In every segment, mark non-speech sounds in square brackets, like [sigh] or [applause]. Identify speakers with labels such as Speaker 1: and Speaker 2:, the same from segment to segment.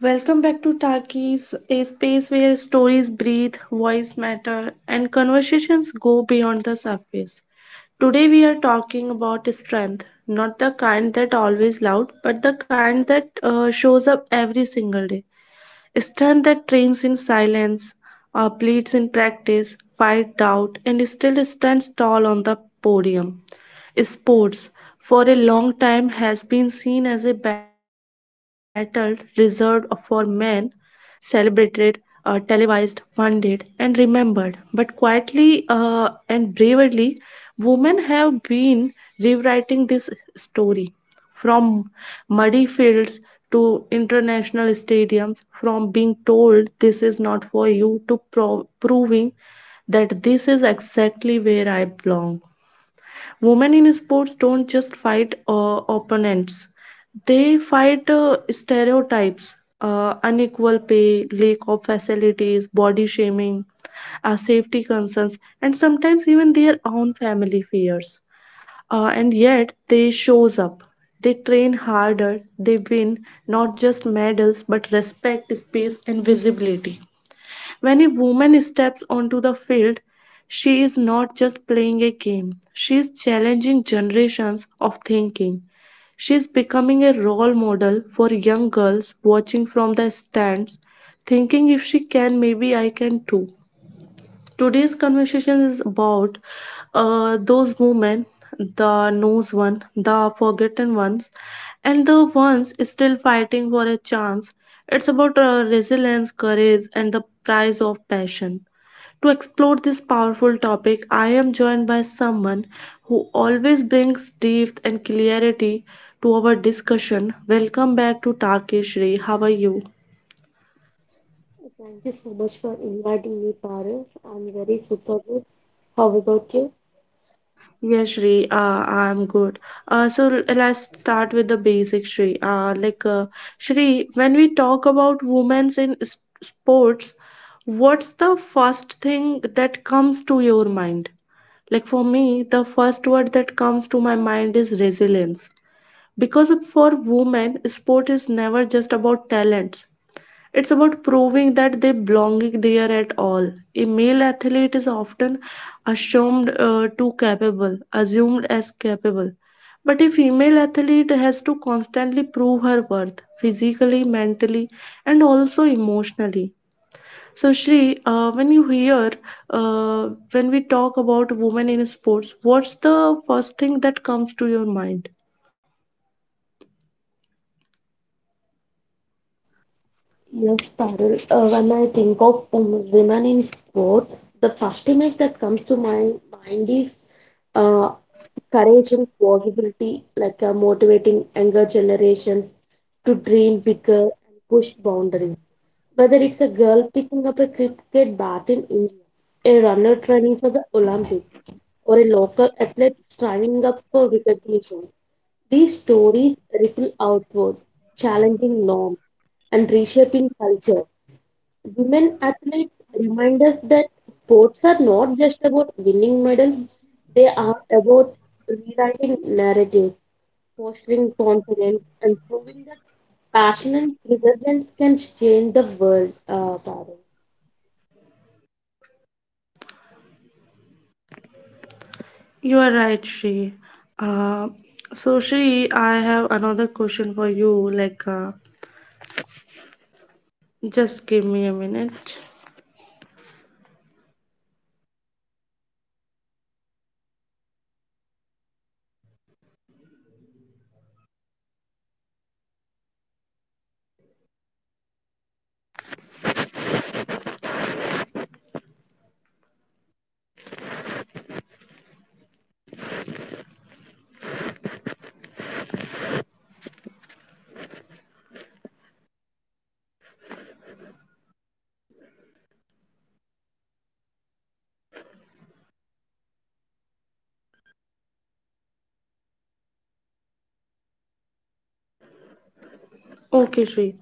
Speaker 1: Welcome back to Talkies, a space where stories breathe, voice matter, and conversations go beyond the surface. Today we are talking about strength, not the kind that always loud, but the kind that shows up every single day, strength that trains in silence, bleeds in practice, fight doubt, and still stands tall on the podium. Sports, for a long time, has been seen as a battle reserved for men, celebrated, televised, funded, and remembered. But quietly and bravely, women have been rewriting this story. From muddy fields to international stadiums, from being told this is not for you to proving that this is exactly where I belong. Women in sports don't just fight opponents, they fight stereotypes, unequal pay, lack of facilities, body shaming, safety concerns, and sometimes even their own family fears. And yet they shows up, they train harder, they win not just medals but respect, space, and visibility. When a woman steps onto the field, she is not just playing a game, she is challenging generations of thinking. She is becoming a role model for young girls watching from the stands, thinking if she can, maybe I can too. Today's conversation is about those women, the knows one, the forgotten ones, and the ones still fighting for a chance. It's about resilience, courage, and the price of passion. To explore this powerful topic, I am joined by someone who always brings depth and clarity to our discussion. Welcome back to Tarkeshri. How are you?
Speaker 2: Thank you so much for inviting me, Parul. I'm very super good. How about you?
Speaker 1: Yeah, Shri, I'm good. So let's start with the basic, Shri. Shri, when we talk about women's in sports, what's the first thing that comes to your mind? Like, for me, the first word that comes to my mind is resilience. Because for women, sport is never just about talent. It's about proving that they belonging there at all. A male athlete is often assumed to capable, assumed as capable. But a female athlete has to constantly prove her worth physically, mentally, and also emotionally. So, Shri, when we talk about women in sports, what's the first thing that comes to your mind?
Speaker 2: Yes, Parul. When I think of women in sports, the first image that comes to my mind is uh, courage and possibility, like motivating younger generations to dream bigger and push boundaries. Whether it's a girl picking up a cricket bat in India, a runner training for the Olympics, or a local athlete striving up for recognition, these stories ripple outward, challenging norms and reshaping culture. Women athletes remind us that sports are not just about winning medals, they are about rewriting narratives, fostering confidence, and proving that passion and perseverance can change the world, Parul.
Speaker 1: You are right, Shri. Uh, so, Shri, I have another question for you. Just give me a minute. Okay, Shri.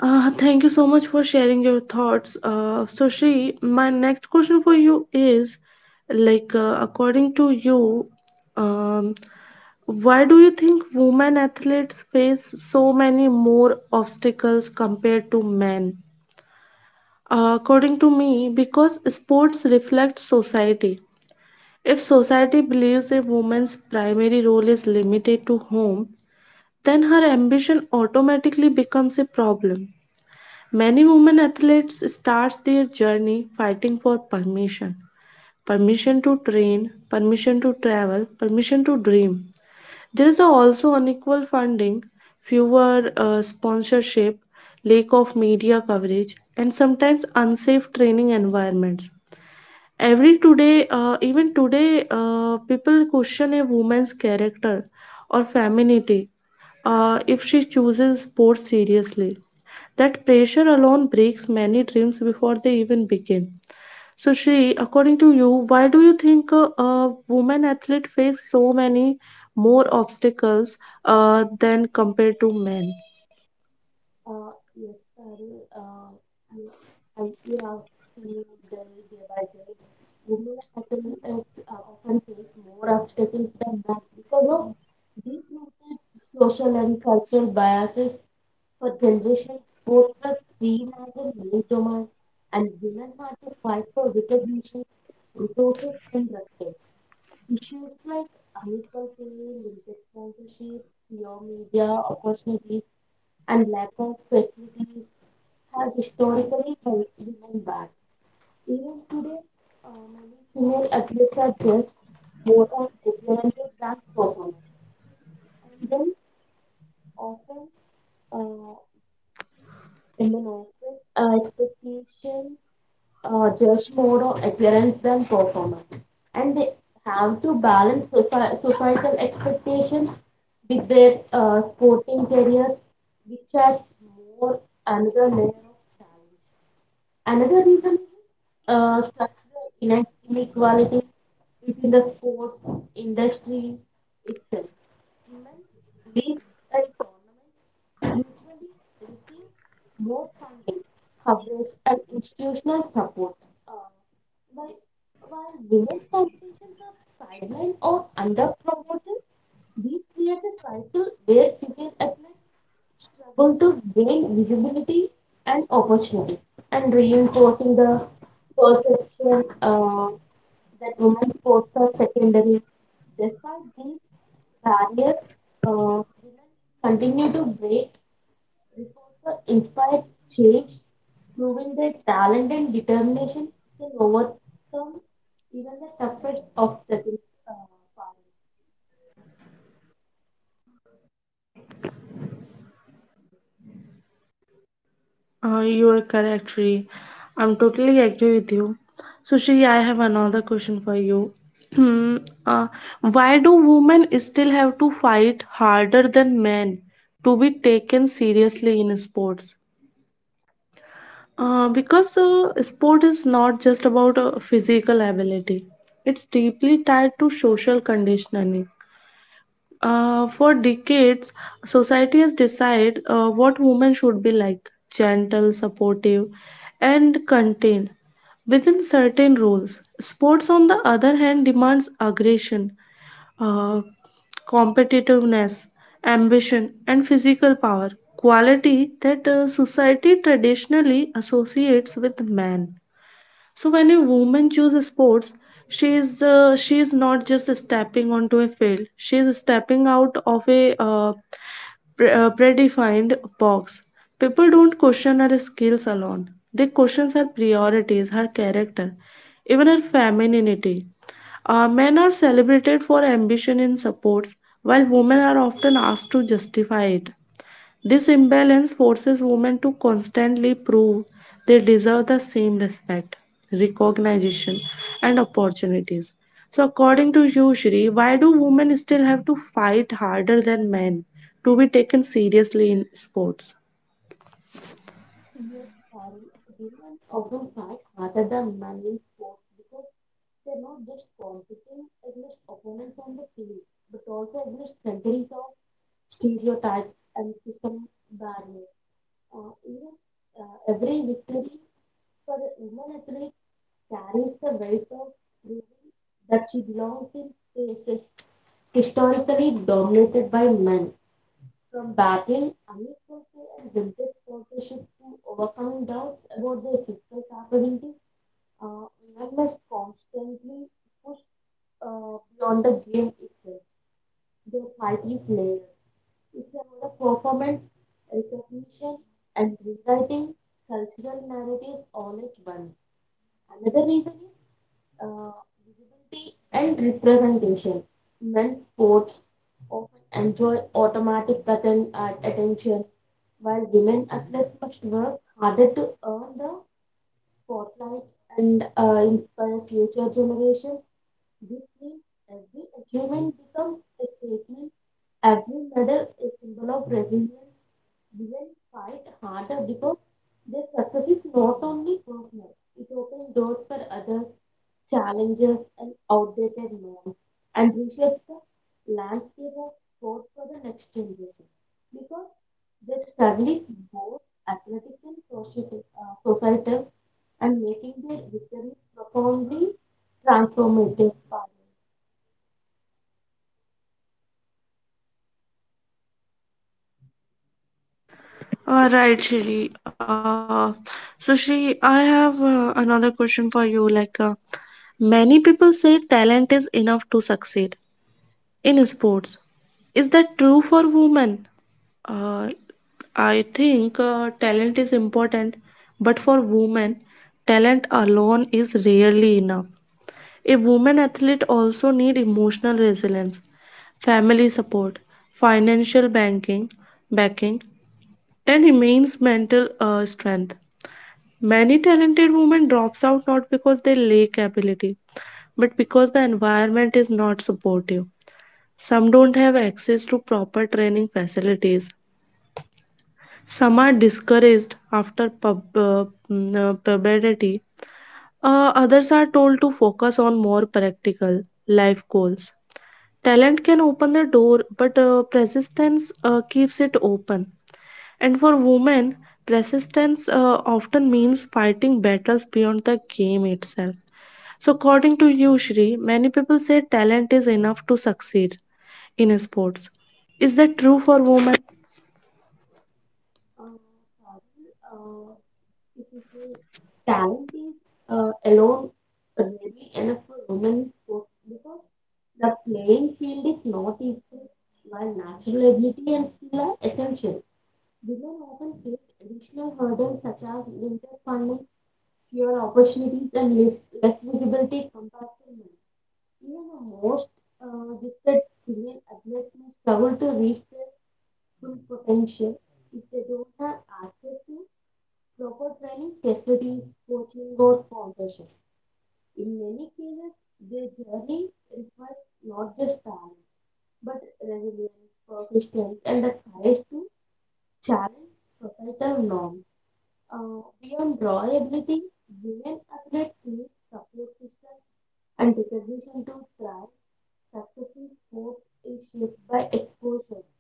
Speaker 1: Thank you so much for sharing your thoughts. So, Shri, my next question for you is, according to you, um, why do you think women athletes face so many more obstacles compared to men? According to me, because sports reflect society. If society believes a woman's primary role is limited to home, then her ambition automatically becomes a problem. Many women athletes starts their journey fighting for permission. Permission to train, permission to travel, permission to dream. There is also unequal funding, fewer sponsorship, lack of media coverage, and sometimes unsafe training environments. Every today Even today, people question a woman's character or femininity if she chooses sports seriously. That pressure alone breaks many dreams before they even begin. So, Shri, according to you, why do you think women athletes face so many more obstacles than compared to men?
Speaker 2: Yes, Parul. You- I, you have seen day, day by day, women athletes often face more obstacles than men because of deep-rooted social and cultural biases. For generations, sport was seen as a male domain, and women had to fight for recognition, resources, and respect. Issues like unequal pay, limited sponsorships, fewer media opportunities, and lack of facilities have historically held women back. Even today, many female athletes are judged more on appearances than performance, and then often uh, in the expectation judged more on appearance than performance. And they have to balance societal expectations with their sporting career, which has more another layer of challenge. Another reason is structural inequality between the sports industry itself. Women leagues and tournaments usually receive more funding, coverage, and institutional support. Uh, while, while women's competitions are sidelined or under promoted, this creates a cycle where female athletes struggle to gain visibility and opportunity, and reinforcing the perception that women's sports are secondary. Despite these barriers, women continue to break records for inspired change, proving their talent and determination can overcome even the toughest obstacles. Uh, Parul.
Speaker 1: You are correct, Shri. I'm totally agree with you. So, Shri, I have another question for you. [clears throat] Hmm, uh, why do women still have to fight harder than men to be taken seriously in sports? Because sport is not just about physical ability, it's deeply tied to social conditioning. For decades, society has decided what women should be, like gentle, supportive, and contained within certain roles. Sports, on the other hand, demands aggression, uh, competitiveness, ambition, and physical power, quality that society traditionally associates with man. So when a woman chooses sports, she is not just stepping onto a field. She is stepping out of a predefined box. People don't question her skills alone. They question her priorities, her character, even her femininity. Men are celebrated for ambition in sports, while women are often asked to justify it. This imbalance forces women to constantly prove they deserve the same respect, recognition, and opportunities. So, according to you, Shri, why do women still have to fight harder than men to be taken seriously in sports?
Speaker 2: Yes, Pari, women often fight harder than men in sports because they're not just competing against opponents on the field, but also against centuries of stereotypes and system barriers. Even Every victory for a woman athlete carries the weight of proving that she belongs in spaces historically dominated by men. From battling unequality and vintage sponsorship to overcoming doubts about their physical capabilities, women must constantly push beyond the game itself. Their fight is layered. It's about a performance, recognition, and rewriting cultural narratives all at once. Another reason is uh, visibility and representation. Men sports often enjoy automatic attention, while women athletes must work harder to earn the spotlight and inspire future generations. This means every achievement becomes a statement. Every medal is symbol of resilience. Women fight harder because their success is not only personal, it opens doors for others, challenges and outdated norms, and reshapes the landscape of sport for the next generation. Because their struggle is both athletic and societal, societal and making their victories profoundly transformative.
Speaker 1: All right, Shri. So, Shri, I have another question for you. Many people say talent is enough to succeed, in sports. Is that true for women? Uh, I think talent is important, but for women, talent alone is rarely enough. A woman athlete also need emotional resilience, family support, financial banking, backing, and immense mental strength. Many talented women drops out not because they lack ability, but because the environment is not supportive. Some don't have access to proper training facilities. Some are discouraged after puberty. Others are told to focus on more practical life goals. Talent can open the door, but persistence keeps it open. And for women, persistence often means fighting battles beyond the game itself. So, according to you, Shri, many people say talent is enough to succeed in sports. Is that true for women?
Speaker 2: Uh, Fazil, uh, if you say talent is alone rarely enough for women sports because the playing field is not equal. While natural ability and skill are essential, women often face additional hurdles such as limited funding, fewer opportunities, and less visibility compared to men. Even the most gifted female athletes may struggle to reach their full potential if they don't have access to proper training, facilities, coaching or sponsorship. In many cases, their journey requires not just talent, but resilience, persistence and the courage to challenge societal norms. Beyond raw ability, women athletes need support system and recognition to thrive. Success in sports is shaped by exposure,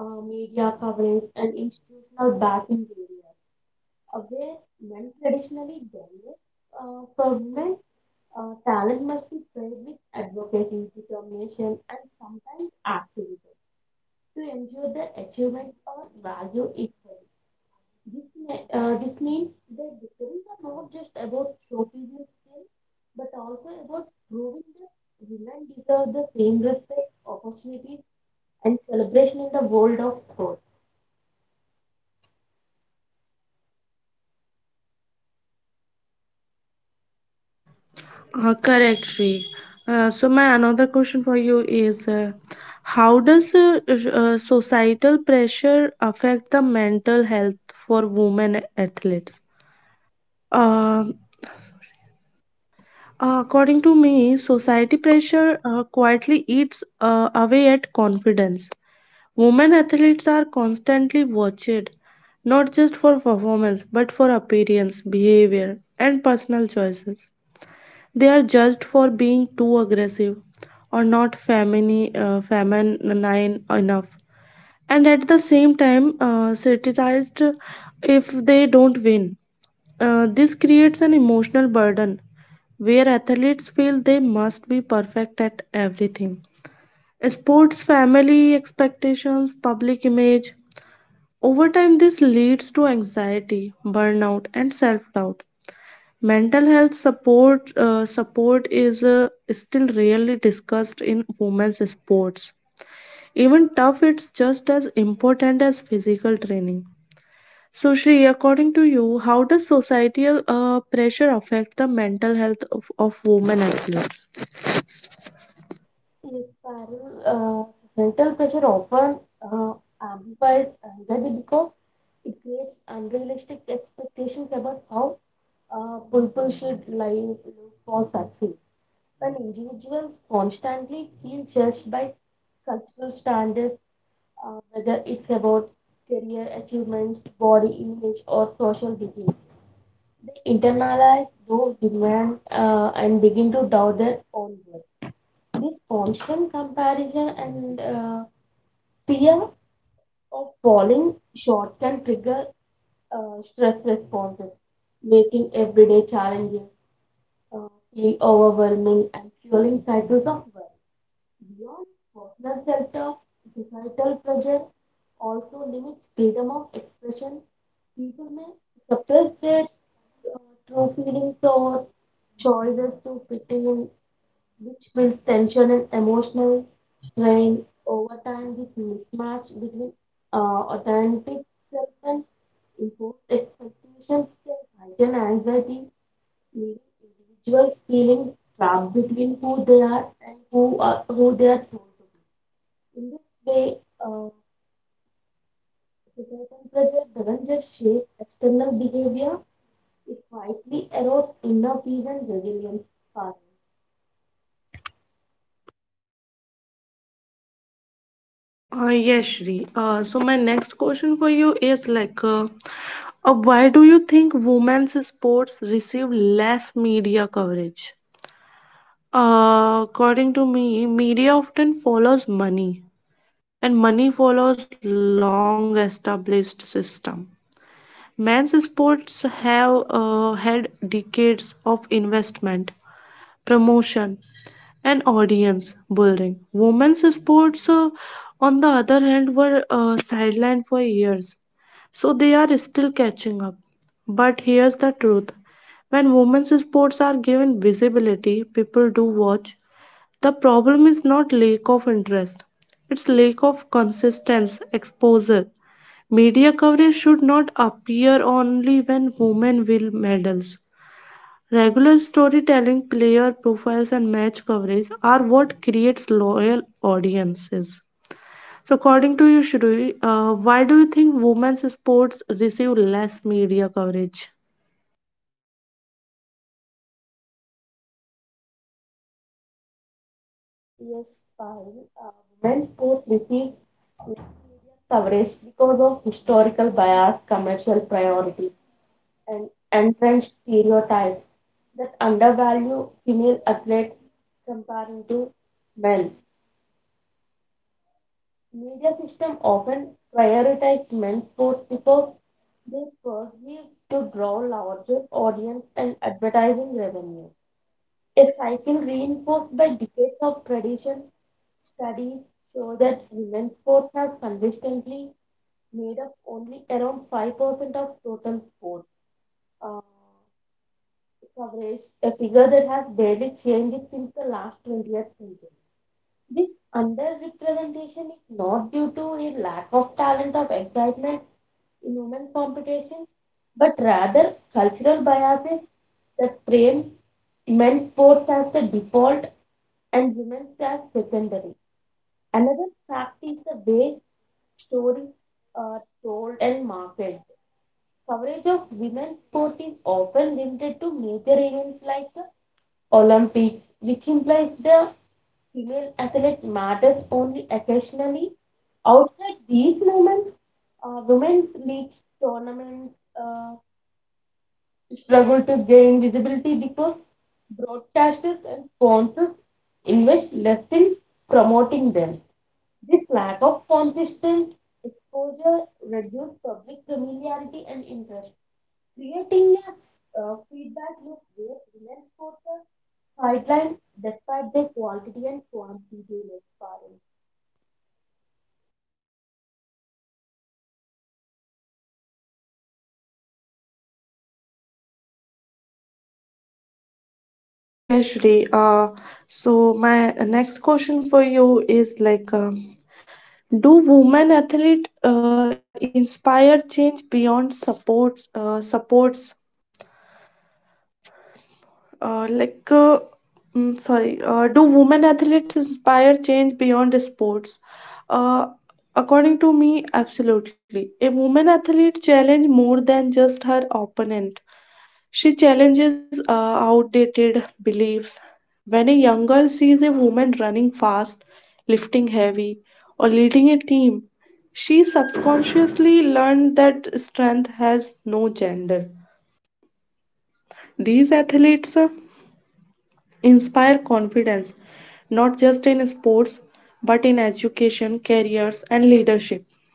Speaker 2: media coverage and institutional backing areas. Where men traditionally dominate, for men, talent must be paired with advocacy, determination, and sometimes activism to ensure their achievements are valued equally. This means their victories are not just about showcasing skill, but also about proving that women deserve the same respect, opportunities, and celebration in the world of sports.
Speaker 1: Correct, Shri. So, my another question for you is, how does societal pressure affect the mental health for women athletes? Uh, According to me, society pressure quietly eats away at confidence. Women athletes are constantly watched, not just for performance, but for appearance, behavior, and personal choices. They are judged for being too aggressive or not femini- feminine enough, and at the same time, satirized if they don't win. This creates an emotional burden where athletes feel they must be perfect at everything. Sports, family expectations, public image, over time, this leads to anxiety, burnout, and self doubt. Mental health support is still rarely discussed in women's sports. Even tough, it's just as important as physical training. So, Shri, according to you, how does societal pressure affect the mental health of women athletes?
Speaker 2: Yes, Parul, societal pressure often uh, amplifies anxiety because it creates unrealistic expectations about how people should live, look, or succeed. When individuals constantly feel judged by cultural standards, whether it's about career achievements, body image, or social duties, they internalize those demands and begin to doubt their own worth. This constant comparison and fear of falling short can trigger stress responses, making everyday challenges uh, feel overwhelming and fueling cycles of worry. Beyond personal self talk, societal pressure also limits freedom of expression. People may suppress their true feelings or choices to fit in which builds tension and emotional strain over time. This mismatch between authentic self and imposed expectations can heighten anxiety, leaving individuals feeling trapped between who they are and who are who they are told to be. In this way, uh, societal pressure doesn't just shape external behavior; it quietly erodes inner peace and resilience. Parul.
Speaker 1: Yes, Shri. So my next question for you is like, why do you think women's sports receive less media coverage? According to me, media often follows money, and money follows long-established system. Men's sports have had decades of investment, promotion, and audience building. Women's sports, on the other hand, were sidelined for years, so they are still catching up. But here's the truth, when women's sports are given visibility, people do watch. The problem is not lack of interest, it's lack of consistency, exposure. Media coverage should not appear only when women win medals. Regular storytelling, player profiles, and match coverage are what creates loyal audiences. So, according to you, Shruti, why do you think women's sports receive less media coverage?
Speaker 2: Yes, Payal. Uh, Women's sport receives less media coverage because of historical bias, commercial priorities, and entrenched stereotypes that undervalue female athletes comparing to men. Media system often prioritize men's sports because they perceive to draw larger audience and advertising revenue. A cycle reinforced by decades of tradition. Studies show that women's sports have consistently made up only around 5% of total sports uh, coverage, a figure that has barely changed since the last 20th century. This underrepresentation is not due to a lack of talent or excitement in women's competition, but rather cultural biases that frame men's sports as the default and women's as secondary. Another fact is the way stories are told and marketed. Coverage of women's sport is often limited to major events like the Olympics, which implies the female athlete matters only occasionally. Outside these moments, women's leagues, tournaments uh, struggle to gain visibility because broadcasters and sponsors invest less in promoting them. This lack of consistent exposure reduces public familiarity and interest, creating a feedback loop where women sports are sidelined despite their quality and quantity
Speaker 1: Yes, Shri. So my next question for you is like, do women athlete inspire change beyond support supports like, mm, sorry, do women athletes inspire change beyond sports? Uh, According to me, absolutely. A woman athlete challenge more than just her opponent. She challenges outdated beliefs. When a young girl sees a woman running fast, lifting heavy, or leading a team, she subconsciously learned that strength has no gender. These athletes inspire confidence not just in sports but in education, careers, and leadership.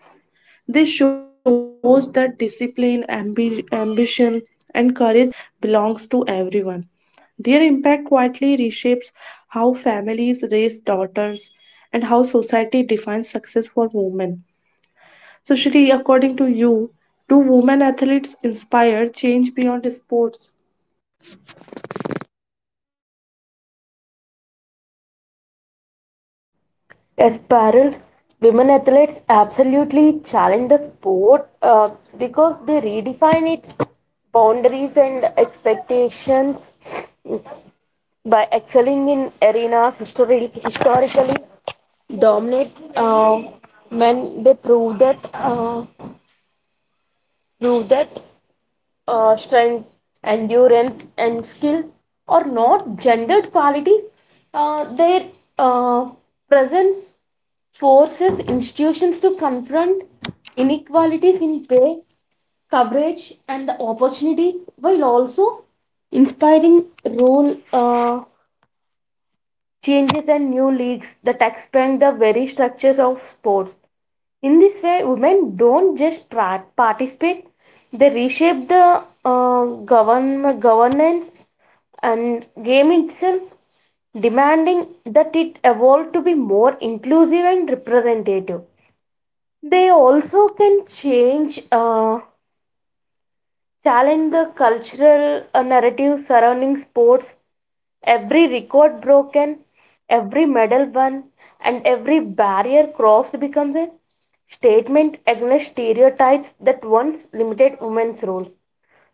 Speaker 1: This shows that discipline, ambition, and courage belongs to everyone. Their impact quietly reshapes how families raise daughters and how society defines success for women. So, Shri, according to you, do women athletes inspire change beyond sports?
Speaker 2: aspirals. Aspiral women athletes absolutely challenge the sport because they redefine its boundaries and expectations by excelling in arenas historically dominate uh, when they prove that strength endurance and skill are not gendered qualities. Their uh, Presence forces institutions to confront inequalities in pay coverage and opportunities while also inspiring role changes and new leagues that expand the very structures of sports. In this way, women don't just participate, they reshape the governance and game itself, demanding that it evolve to be more inclusive and representative. They also can change. Challenge the cultural narrative surrounding sports. Every record broken, every medal won, and every barrier crossed becomes a statement against stereotypes that once limited women's roles.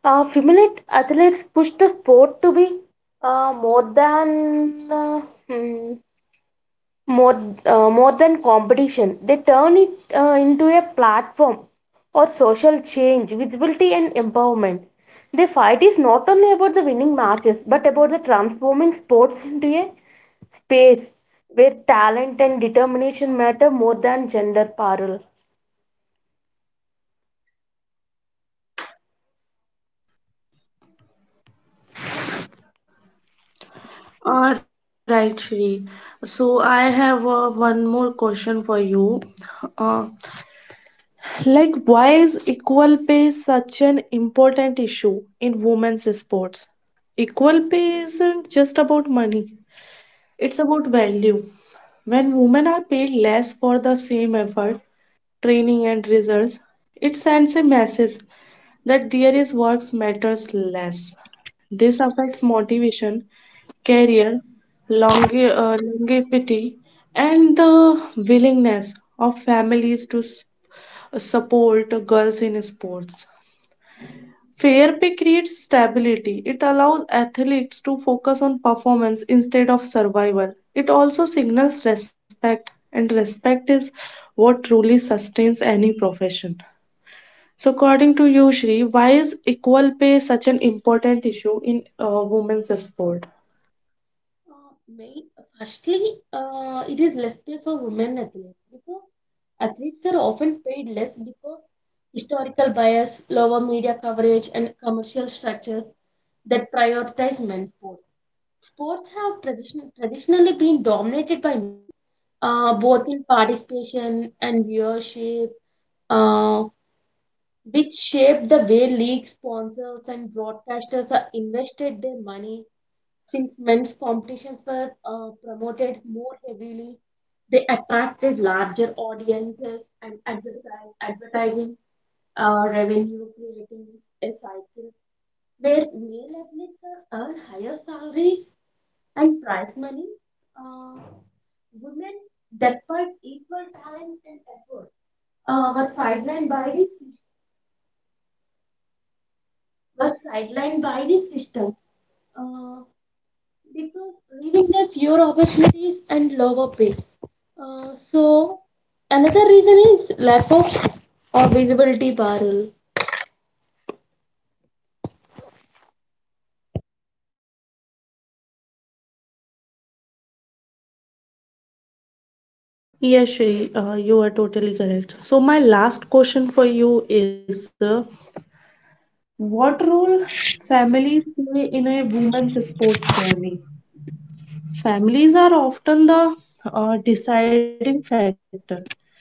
Speaker 2: Female athletes push the sport to be uh, more than uh, hmm, more more than competition. They turn it into a platform for social change visibility and empowerment. The fight is not only about the winning matches but about the transforming sports into a space where talent and determination matter more than gender parallel.
Speaker 1: All right, Shri. So I have one more question for you. Uh, why is equal pay such an important issue in women's sports? Equal pay isn't just about money. It's about value. When women are paid less for the same effort, training, and results, it sends a message that their is works matters less. This affects motivation, career, longe- longevity, and the willingness of families to support girls in sports. Fair pay creates stability. It allows athletes to focus on performance instead of survival. It also signals respect, and respect is what truly sustains any profession. So, according to you, Shri, why is equal pay such an important issue in women's sport?
Speaker 2: Main, firstly, it is less pay for women athletes because athletes are often paid less because historical bias, lower media coverage, and commercial structures that prioritize men's sports. Sports have traditionally been dominated by men, both in participation and viewership, uh, which shape the way league sponsors and broadcasters are invested their money since men's competitions were promoted more heavily, they attracted larger audiences and advertising revenue, creating a cycle where male athletes earn higher salaries and prize money. Uh, Women, despite equal time and effort, uh, were sidelined by the sys- were sidelined by the system uh, because leaving them fewer opportunities and lower pay. So another reason is lack of visibility, Parul.
Speaker 1: Yes, Shri, you are totally correct. So, my last question for you is, what role families play in a women's sports journey? Families are often the deciding factor.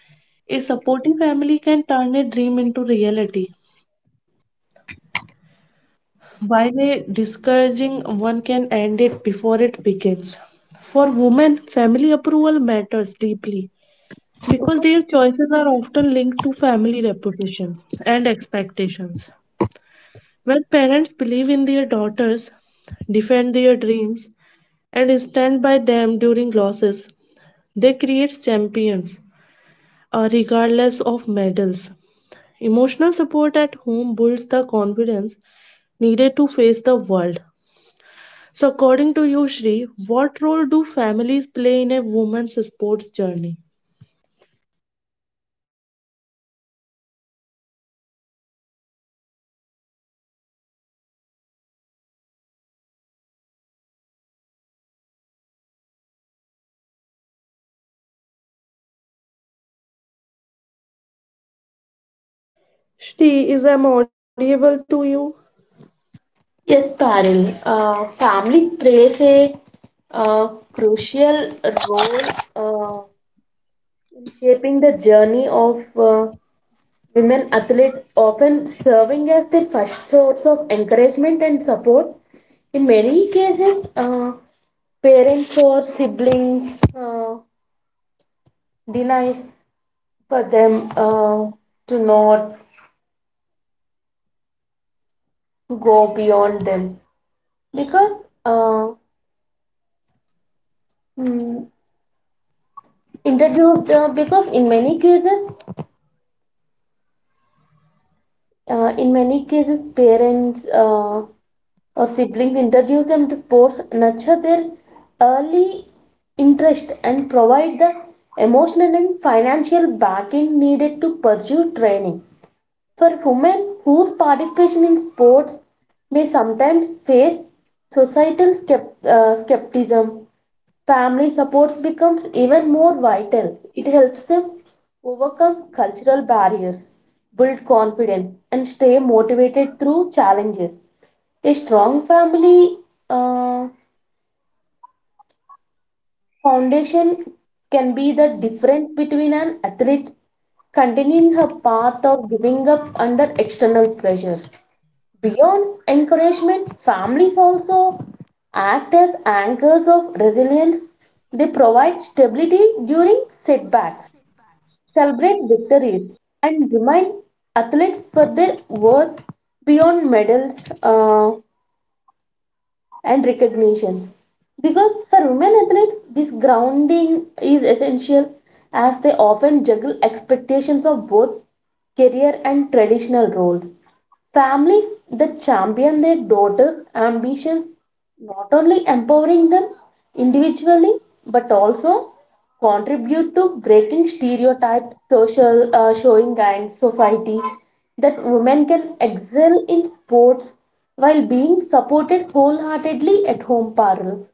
Speaker 1: A supportive family can turn a dream into reality, while a discouraging one can end it before it begins. For women, family approval matters deeply because their choices are often linked to family reputation and expectations. When parents believe in their daughters, defend their dreams, and stand by them during losses, they create champions regardless of medals. Emotional support at home builds the confidence needed to face the world. So, according to you, Shri, what role do families play in a woman's sports journey? Shri, is I'm audible to you?
Speaker 2: Yes, Paril. Family plays a uh, crucial role uh, in shaping the journey of women athletes, often serving as their first source of encouragement and support. In many cases, parents or siblings denies for them to not go beyond them because mm, introduced because in many cases parents or siblings introduce them to sports nurture their early interest and provide the emotional and financial backing needed to pursue training. For women whose participation in sports may sometimes face societal skepticism, family support becomes even more vital. It helps them overcome cultural barriers, build confidence, and stay motivated through challenges. A strong family uh, foundation can be the difference between an athlete continuing her path of giving up under external pressures. Beyond encouragement, families also act as anchors of resilience. They provide stability during setbacks, celebrate victories, and remind athletes for their worth beyond medals. Uh, and recognition. Because for women athletes, this grounding is essential as they often juggle expectations of both career and traditional roles. Families that champion their daughters' ambitions not only empowering them individually but also contribute to breaking stereotypes, social showing and society that women can excel in sports while being supported wholeheartedly at home, Parul.